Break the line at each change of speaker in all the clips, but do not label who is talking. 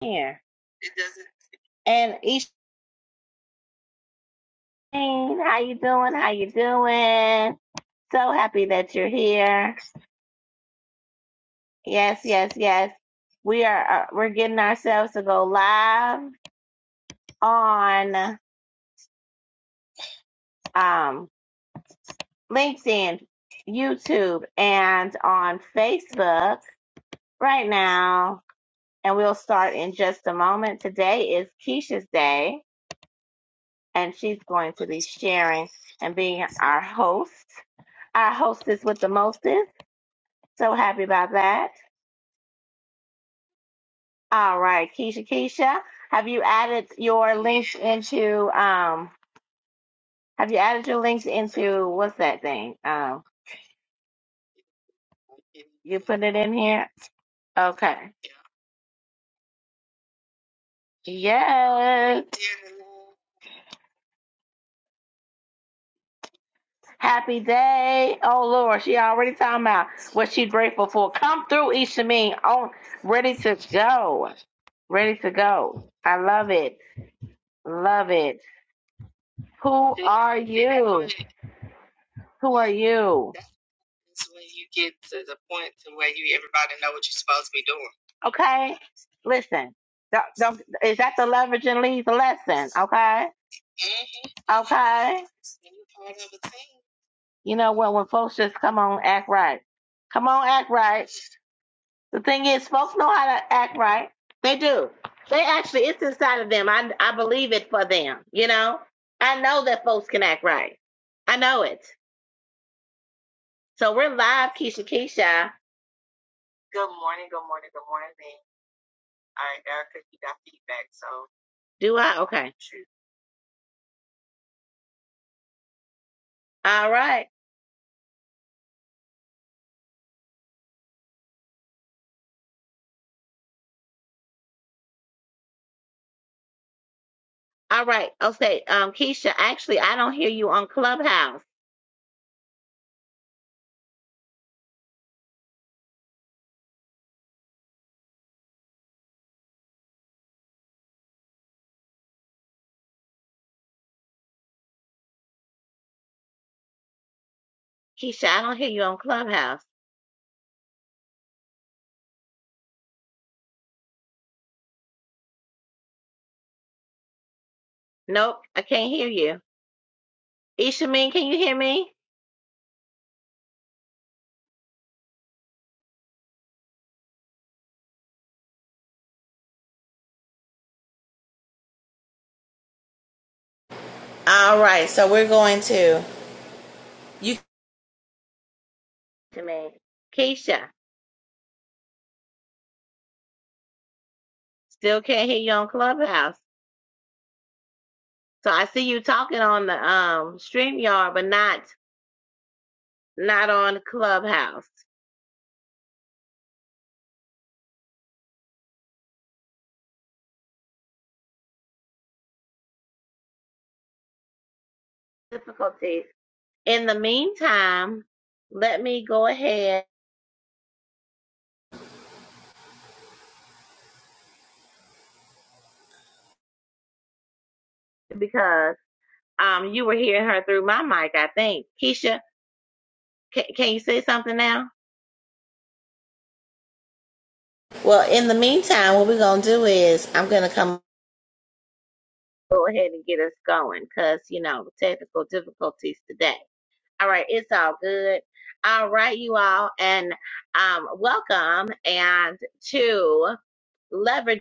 Here. It doesn't. And Isheen, how you doing? How you doing? So happy that you're here. Yes, yes, yes. We are uh, we're getting ourselves to go live on um LinkedIn, YouTube, and on Facebook right now. And we'll start in just a moment. Today is Keisha's day, and she's going to be sharing and being our host. Our hostess with the mostest. So happy about that. All right, Keisha, Keisha, have you added your links into um? Have you added your links into what's that thing? Um, you put it in here. Okay. Yes. Happy day. Oh Lord, she already talking about what she's grateful for. Come through, Isha Mean. On ready to go. Ready to go. I love it. Love it. Who are you? Who are you? Okay? Listen, don't, don't, is that the leverage and leave lesson? Okay? Okay? You know what? When folks just come on, act right. Come on, act right. The thing is, folks know how to act right. They do. They actually, it's inside of them. I, I believe it for them. You know? I know that folks can act right. I know it. So we're live, Keisha Keisha. Do I? Okay. All right. All right. Okay. Um, Keisha, actually, I don't hear you on Clubhouse. Keisha, I don't hear you on Clubhouse. Nope, I can't hear you. Ishameen, can you hear me? All right, so we're going to you. Ishameen. Keisha, still can't hear you on Clubhouse. So I see you talking on the um StreamYard, but not not on Clubhouse. Difficulties. In the meantime, let me go ahead because um you were hearing her through my mic, I think. Keisha, can, can you say something now? Well, in the meantime, what we're gonna do is I'm gonna come. go ahead and get us going because, you know, technical difficulties today. All right, it's all good. All right, you all, and um, welcome and to Leverage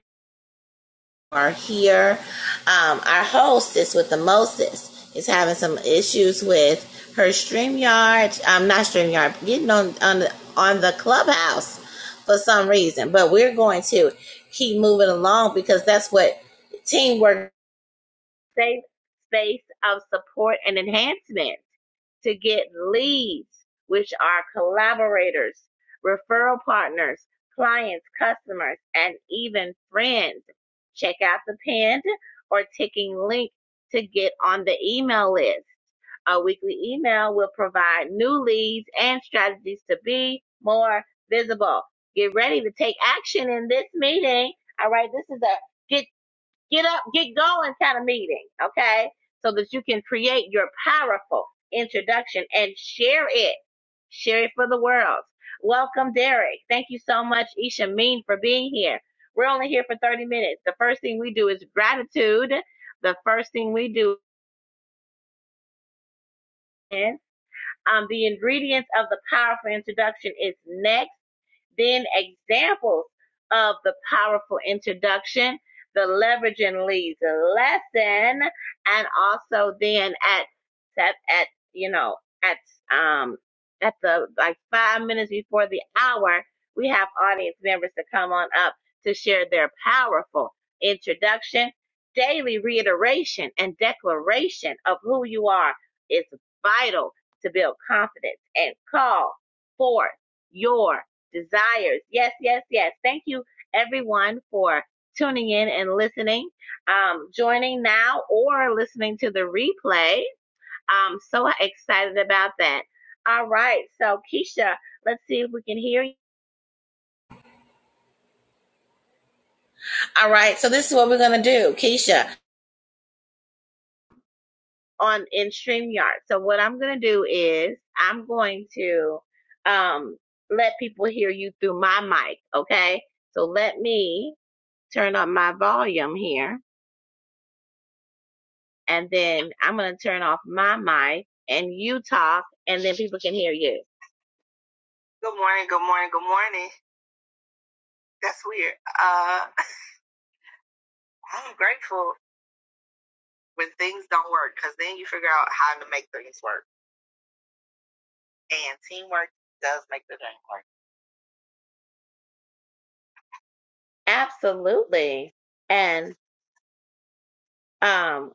are here. Um, our hostess with the mostest is having some issues with her StreamYard, um, not StreamYard, getting on on the, on the clubhouse for some reason. But we're going to keep moving along because that's what teamwork safe space of support and enhancement to get leads, which are collaborators, referral partners, clients, customers, and even friends. Check out the pinned or ticking link to get on the email list. Our weekly email will provide new leads and strategies to be more visible. Get ready to take action in this meeting. All right, this is a get get up, get going kind of meeting, okay? So that you can create your powerful introduction and share it. Share it for the world. Welcome, Derek. Thank you so much, Isha Mean, for being here. We're only here for 30 minutes. The first thing we do is gratitude. The first thing we do is um, the ingredients of the powerful introduction is next. Then examples of the powerful introduction, the leveraging leads lesson, and also then at at, at you know at um at the like five minutes before the hour, we have audience members to come on up to share their powerful introduction, daily reiteration, and declaration of who you are is vital to build confidence and call forth your desires. Yes, yes, yes. Thank you, everyone, for tuning in and listening, um, joining now or listening to the replay. I'm so excited about that. All right. So, Keisha, let's see if we can hear you. All right. So, this is what we're going to do, Keisha, on in StreamYard. So, what I'm going to do is I'm going to um, let people hear you through my mic. Okay. So, let me turn up my volume here and then I'm going to turn off my mic and you talk and then people can hear you. Absolutely. And um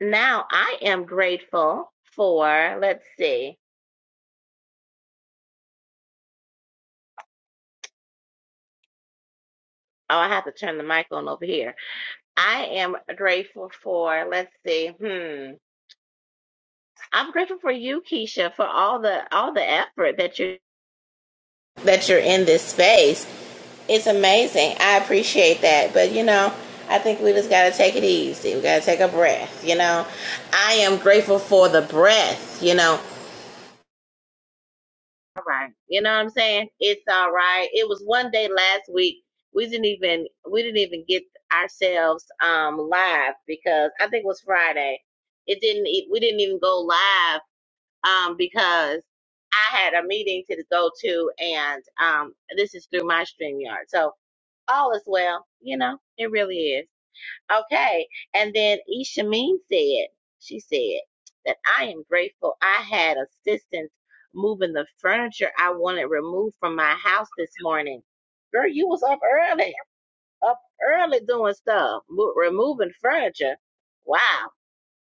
now I am grateful for let's see. Oh, I have to turn the mic on over here. I am grateful for let's see. Hmm. I'm grateful for you, Keisha, for all the all the effort that you that you're in this space It's amazing. I appreciate that. But you know, I think we just gotta take it easy. We gotta take a breath, you know. I am grateful for the breath, you know. All right. You know what I'm saying? It's all right. It was one day last week. We didn't even we didn't even get ourselves um live because I think it was Friday. It didn't e- we didn't even go live um because I had a meeting to go to and um this is through my StreamYard. So all is well. You know, it really is. Okay. And then Ishameen said, she said that I am grateful I had assistance moving the furniture I wanted removed from my house this morning. Girl, you was up early, up early doing stuff, mo- removing furniture. Wow.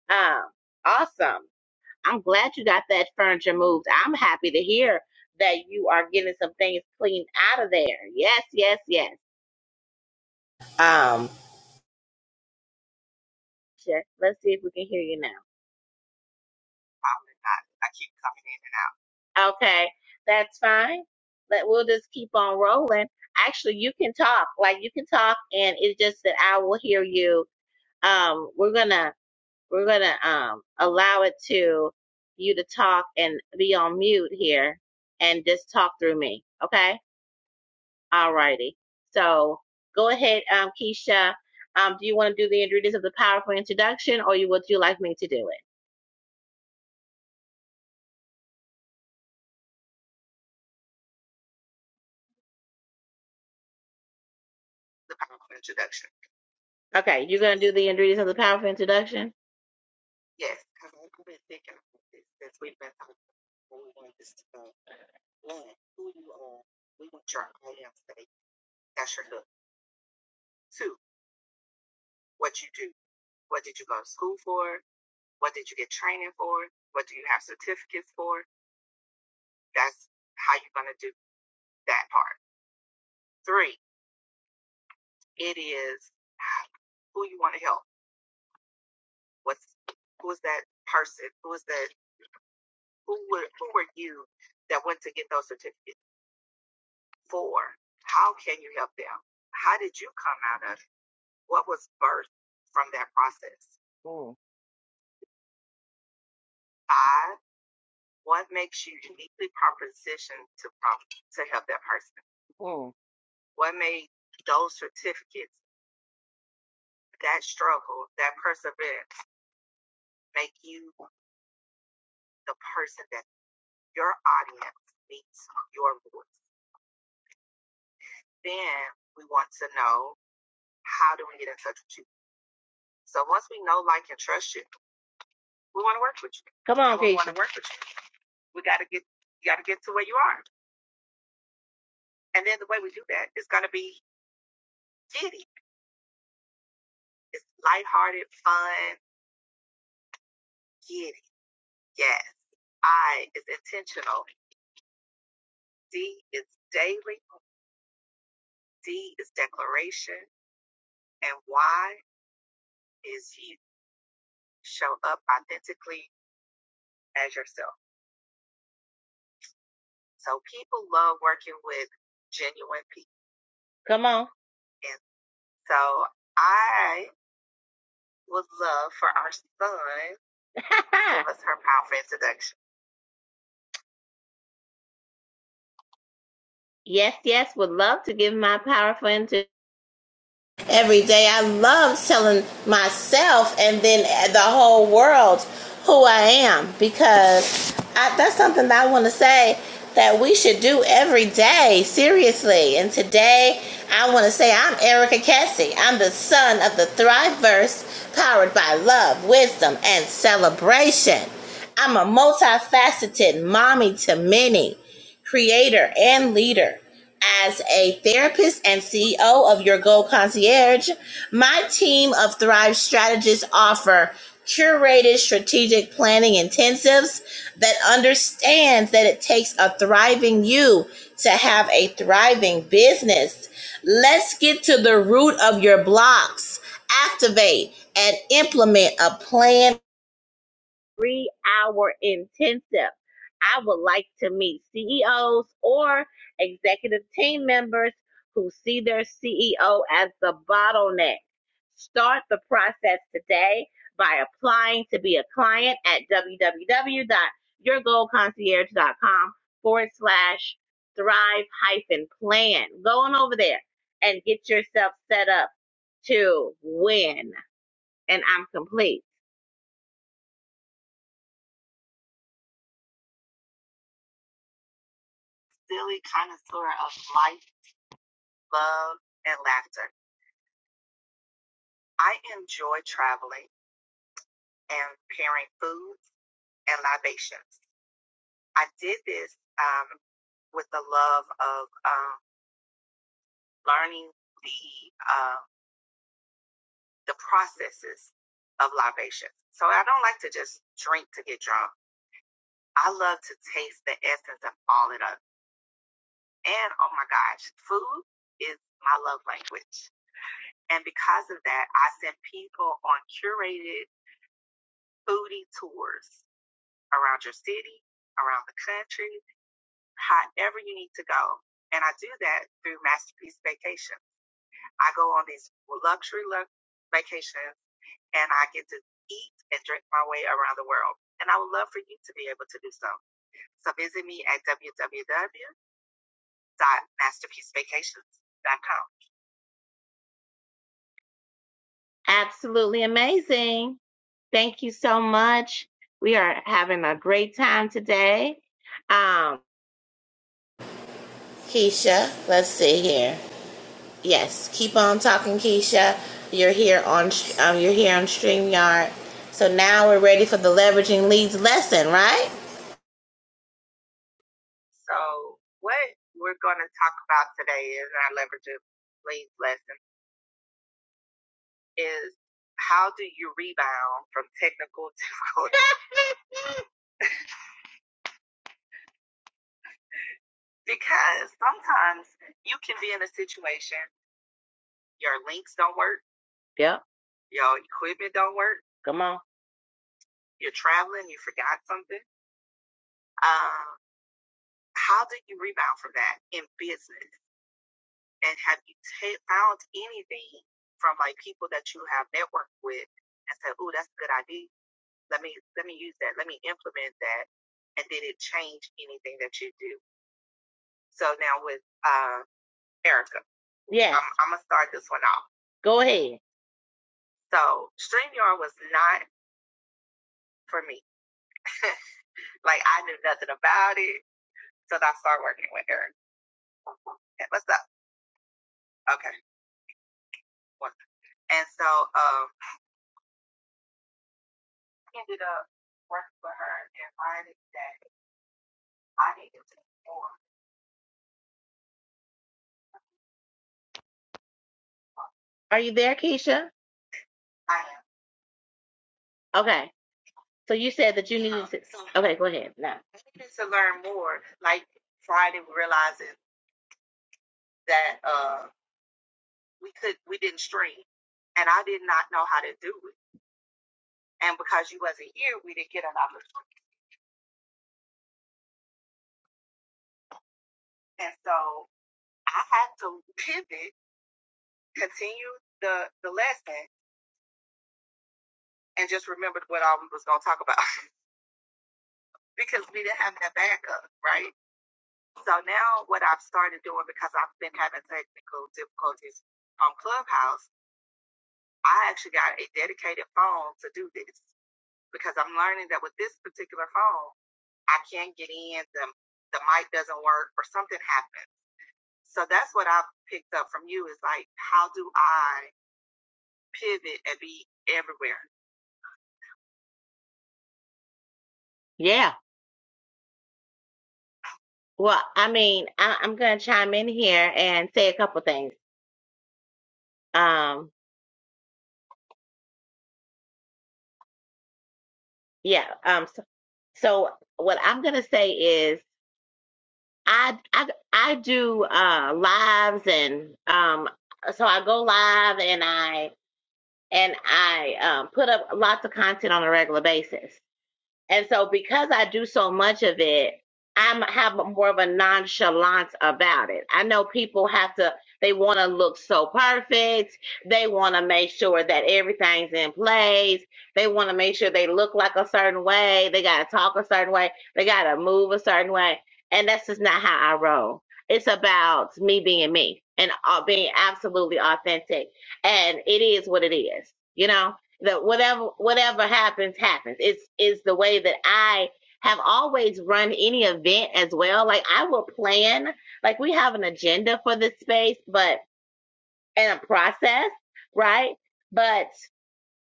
Um, awesome. I'm glad you got that furniture moved. I'm happy to hear that you are getting some things cleaned out of there. Yes, yes, yes. Gotcha. Let's see if we can hear you now. Okay, that's fine. But we'll just keep on rolling. Actually, you can talk. Like you can talk, and it's just that I will hear you. Um, we're gonna we're gonna um allow it to you to talk and be on mute here, and just talk through me. Okay. All righty. So go ahead, um, Keisha. Um, do you want to do the ingredients of the powerful introduction, or you would you like me to do it? Okay, you're gonna do the ingredients of the powerful introduction. Come on, Keisha. Want to work with you. Come on. So that's her powerful introduction. yes, yes, would love to give my powerful for introduction. every day. I love telling myself and then the whole world who I am because I, that's something that I want to say that we should do every day, seriously. And today, I want to say I'm Erica Cassie. I'm the son of the Thriveverse, powered by love, wisdom, and celebration. I'm a multifaceted mommy to many creator, and leader. As a therapist and CEO of Your Goal Concierge, my team of Thrive strategists offer curated strategic planning intensives that understands that it takes a thriving you to have a thriving business. Let's get to the root of your blocks, activate and implement a plan three hour intensive. I would like to meet CEOs or executive team members who see their CEO as the bottleneck. Start the process today by applying to be a client at www.yourgoalconcierge.com forward slash thrive hyphen plan. Go on over there and get yourself set up to win. And I'm complete. Absolutely amazing. Thank you so much. We are having a great time today. Um, Keisha, let's see here. Yes, keep on talking, Keisha. You're here on um, you're here on Streamyard. So now we're ready for the leveraging leads lesson, right? How do you rebound from technical difficulties? yeah, I'm, I'm gonna start this one off. Go ahead. Are you there, Keisha? Okay. So you said that you needed. um, to- Okay, go ahead. No. Yeah. Well, I mean, I, I'm going to chime in here and say a couple things. Um, yeah. Um. So, so what I'm going to say is, I I I do uh lives and um. So I go live and I and I um put up lots of content on a regular basis. And so because I do so much of it, I'm have more of a nonchalance about it. I know people have to they want to look so perfect. They want to make sure that everything's in place. They want to make sure they look like a certain way. They got to talk a certain way. They got to move a certain way. And that's just not how I roll. It's about me being me and uh, being absolutely authentic. And it is what it is, you know? that whatever whatever happens happens it's is the way that i have always run any event as well like i will plan like we have an agenda for this space but and a process right but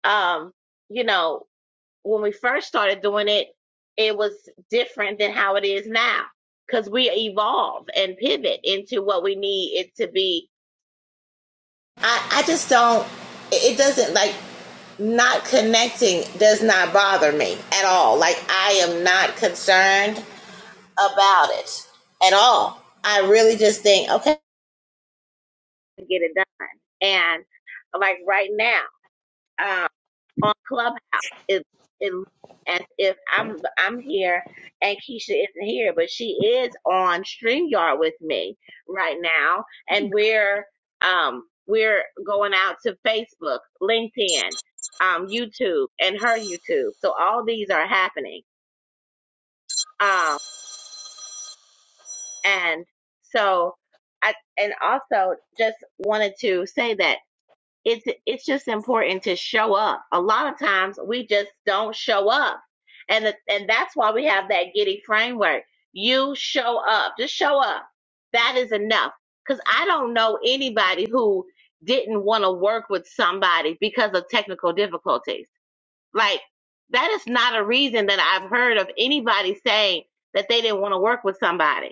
um you know when we first started doing it it was different than how it is now because we evolve and pivot into what we need it to be I, I just don't, it doesn't like not connecting does not bother me at all. Like I am not concerned about it at all. I really just think, okay, get it done. And like right now, um, on Clubhouse. It it looks as if I'm I'm here and Keisha isn't here, but she is on StreamYard with me right now, and we're um we're going out to Facebook, LinkedIn, um, YouTube, and her YouTube. So all these are happening. Um, and so I and also just wanted to say that. it's it's just important to show up. A lot of times we just don't show up. And the, and that's why we have that giddy framework. You show up. Just show up. That is enough. Cuz I don't know anybody who didn't want to work with somebody because of technical difficulties. Like that is not a reason that I've heard of anybody saying that they didn't want to work with somebody.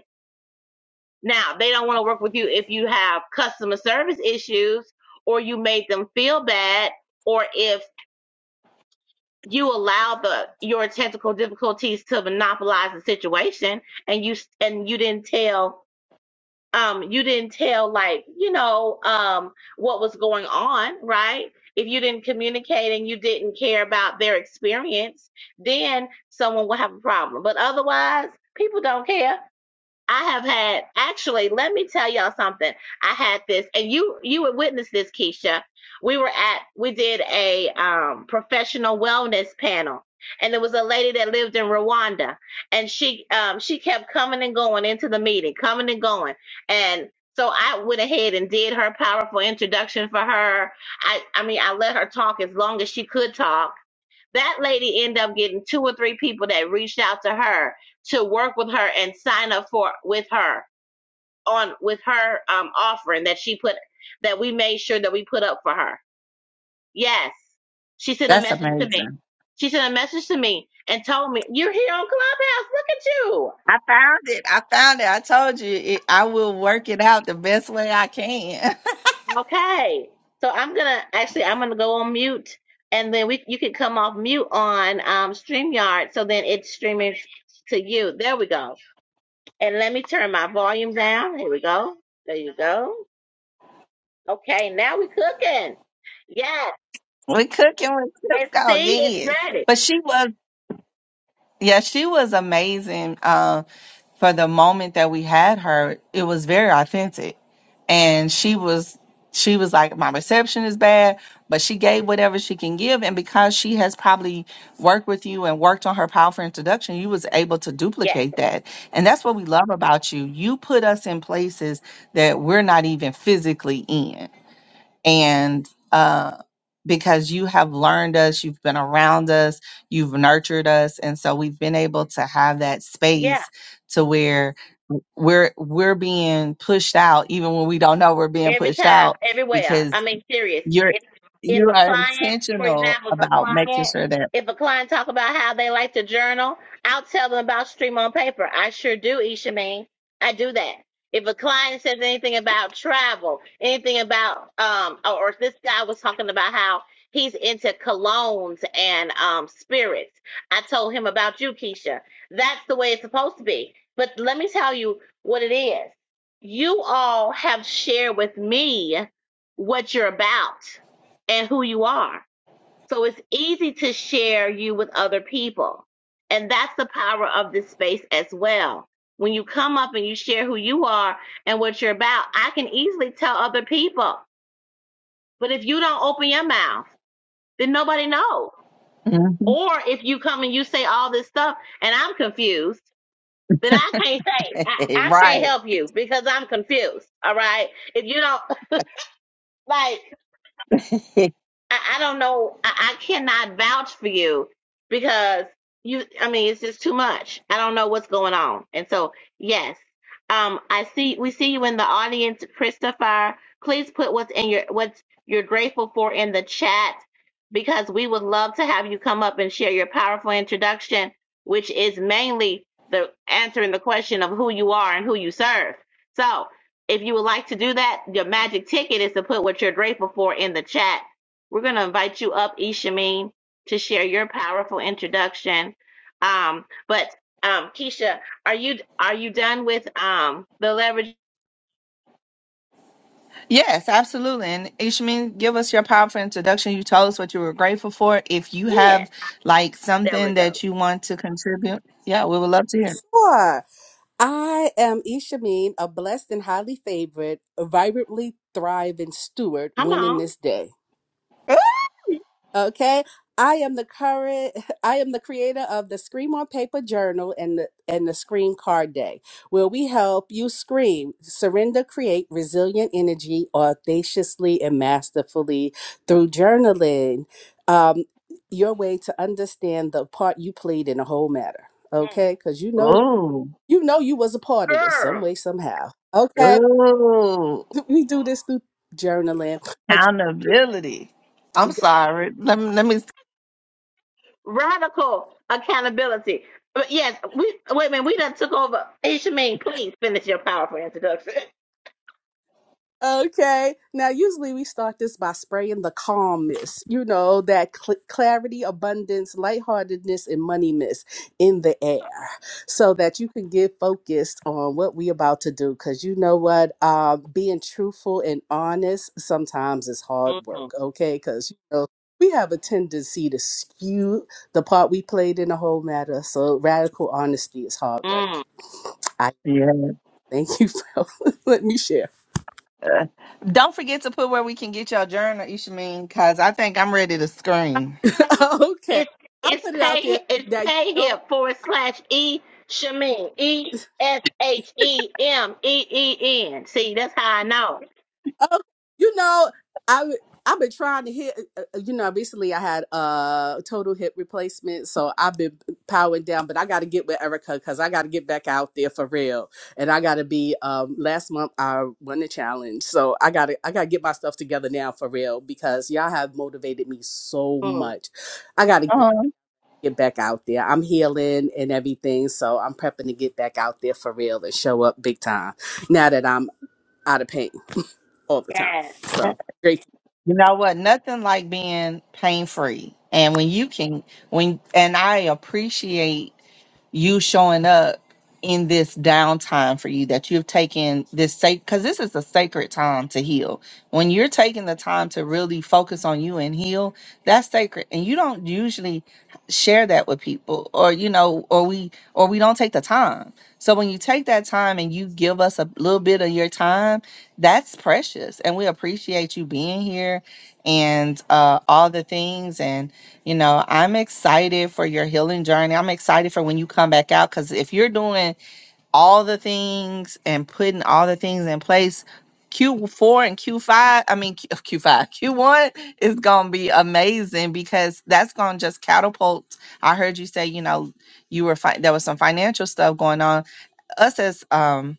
Now, they don't want to work with you if you have customer service issues or you made them feel bad or if you allow the your technical difficulties to monopolize the situation and you and you didn't tell um you didn't tell like you know um what was going on right if you didn't communicate and you didn't care about their experience then someone will have a problem but otherwise people don't care I have had actually, let me tell y'all something. I had this and you you would witness this, Keisha. We were at we did a um professional wellness panel and there was a lady that lived in Rwanda and she um she kept coming and going into the meeting, coming and going. And so I went ahead and did her powerful introduction for her. I I mean I let her talk as long as she could talk that lady ended up getting two or three people that reached out to her to work with her and sign up for with her on with her um offering that she put that we made sure that we put up for her. Yes. She sent a
That's
message to me.
amazing.
She sent a message to me and told me, You're here on Clubhouse.
I found it. I found it. I told you it, I will work it out the best way I can.
Look at you. Okay. So I'm gonna actually I'm gonna go on mute and then we you can come off mute on um StreamYard so then it's streaming to you. There we go. And let me turn my volume down. Here we go. There you go. Okay, now we're cooking. Yes.
We're cooking with
And
Cisco,
see, it's
yes.
ready.
But she was, yeah, she was amazing. Um, for the moment that we had her, it was very authentic. And she was she was like, My reception is bad, but she gave whatever she can give. And because she has probably worked with you and worked on her powerful introduction, you was able to
Yes.
duplicate that. And that's what we love about you. You put us in places that we're not even physically in and uh, because you have learned us, you've been around us, you've nurtured us, and so we've been able to have that
Yeah.
space to where we're we're being pushed out, even when we don't know we're being
Every
pushed
time,
out,
everywhere. I
because
mean, serious.
you're
If if
you
a
are
client, for
intentional
example, if a
about making
client,
sure that
if a client talk about how they like to journal, I'll tell them about Stream on Paper. I sure do, Ishameen. I do that. If a client says anything about travel, anything about um, or or this guy was talking about how he's into colognes and um spirits, I told him about you, Keisha. That's the way it's supposed to be. But let me tell you what it is you all have shared with me what you're about and who you are. So it's easy to share you with other people. And that's the power of this space as well. When you come up and you share who you are and what you're about, I can easily tell other people. But if you don't open your mouth, then nobody knows.
Mhm.
Or if you come and you say all this stuff and I'm confused, then I can't say, I, I can't
right
help you because I'm confused. All right if you don't Like. I, I don't know. I, I cannot vouch for you because you. I mean, it's just too much. I don't know what's going on. And so, yes, um, I see. We see you in the audience, Christopher. Please put what's in your what you're grateful for in the chat because we would love to have you come up and share your powerful introduction, which is mainly the answering the question of who you are and who you serve. So, if you would like to do that, your magic ticket is to put what you're grateful for in the chat we're going to invite you up, Ishameen, to share your powerful introduction. Um, but um, Keisha, are you are you done with um the leverage?
Yes, absolutely. And Ishmin, give us your powerful introduction. You told us what you were grateful for. If you
Yeah,
have like
there we
something
go.
that you want to contribute, yeah, we would love to hear.
Sure. I am Ishameen, a blessed and highly favored, vibrantly thriving steward,
Come
winning
on,
this day. Okay. I am the current I am the creator of the Scream on Paper Journal and the and the Scream Card Day, where we help you scream, surrender, create resilient energy audaciously and masterfully through journaling. Um, your way to understand the part you played in the whole matter.
Yeah.
Okay, because you know
Oh,
you know you was a part of this some way somehow okay
oh,
we do this through journaling but
accountability. I'm sorry. Let me, let me.
radical accountability. But yes, we wait a minute. We done took over. Ishameen, please finish your powerful introduction.
Okay. Now, usually we start this by spraying the calm mist, you know, that cl- clarity, abundance, lightheartedness, and money mist in the air so that you can get focused on what we about to do. Because you know what? Um, being truthful and honest sometimes is hard work, okay? Because, you know, we have a tendency to skew the part we played in the whole matter. So, radical honesty is hard work. I
Yeah.
thank you for let me share.
Don't forget to put where we can get your journal, Ishmin, because I think I'm ready to scream.
Okay,
okay.
It's
I'll
it's
put it out
pay
there
it's
that you
pay
know
here forward slash e shamin e s h e m e e n. See, that's how I know.
Oh, you know, I I've been trying to hit. uh, uh, You know, recently I had a uh, total hip replacement, so I've been powering down. But I got to get with Erica because I got to get back out there for real. And I got to be. Um, last month I won the challenge, so I got to I got to get my stuff together now for real because y'all have motivated me so
Mm,
much. I got to get
Uh-huh.
get back out there. I'm healing and everything, so I'm prepping to get back out there for real and show up big time. Now that I'm out of pain all the time,
Yes.
so great.
You know what? Nothing like being pain free. And when you can, when, and I appreciate you showing up in this downtime for you that you have taken this sacred because this is a sacred time to heal when you're taking the time to really focus on you and heal that's sacred and you don't usually share that with people or you know or we or we don't take the time so when you take that time and you give us a little bit of your time that's precious and we appreciate you being here and uh all the things you know, I'm excited for your healing journey. I'm excited for when you come back out because if you're doing all the things and putting all the things in place, Q4 and Q5, I mean, Q- Q5, Q1 is going to be amazing because that's going to just catapult. I heard you say, you know, you were, fi- there was some financial stuff going on us as um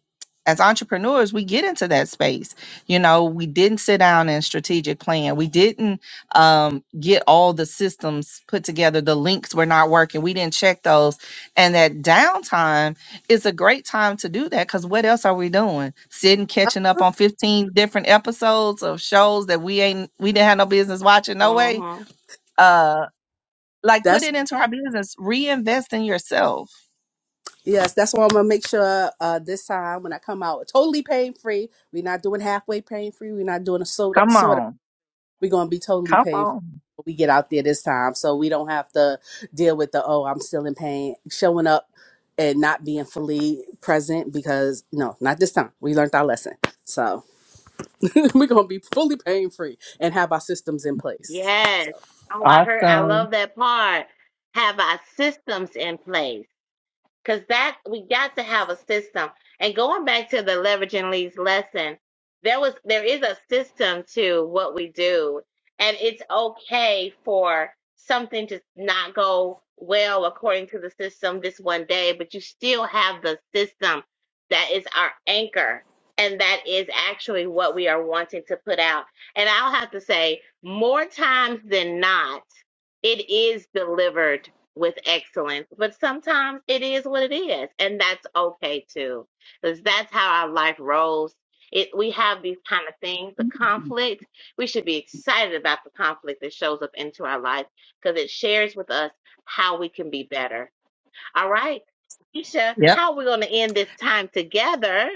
as entrepreneurs we get into that space you know we didn't sit down and strategic plan we didn't um, get all the systems put together the links were not working we didn't check those and that downtime is a great time to do that because what else are we doing sitting catching up
Uh-huh.
on 15 different episodes of shows that we ain't we didn't have no business watching no way
Mhm.
uh like put
That's
it into our business reinvest in yourself
yes, that's why I'm gonna make sure uh, this time when I come out totally pain free. We're not doing halfway pain free. We're not doing a soda
come
sort
on
we're gonna be totally
come
paid
on
when we get out there this time, so we don't have to deal with the oh I'm still in pain, showing up and not being fully present because no, not this time. We learned our lesson, so we're gonna be fully pain free and have our systems in place. So
Yes. Oh, I heard. I
awesome
love that part. Have our systems in place. because that we got to have a system. And going back to the leveraging leads lesson, there was there is a system to what we do, and it's okay for something to not go well according to the system this one day, but you still have the system that is our anchor. And that is actually what we are wanting to put out. And I'll have to say, more times than not, it is delivered with excellence, but sometimes it is what it is, and that's okay too, because that's how our life rolls. It we have these kind of things, the conflict. We should be excited about the conflict that shows up into our life because it shares with us how we can be better. All right, Keisha,
Yep.
how are we going to end this time together?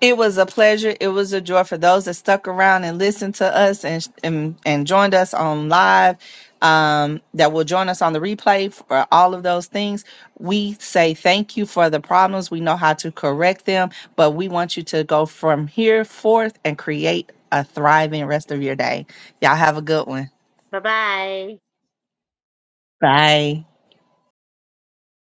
It was a pleasure. It was a joy for those that stuck around and listened to us and and, and joined us on live. Um, that will join us on the replay for all of those things. We say thank you for the problems. We know how to correct them, but we want you to go from here forth and create a thriving rest of your day. Y'all have a good one.
Bye bye.
Bye.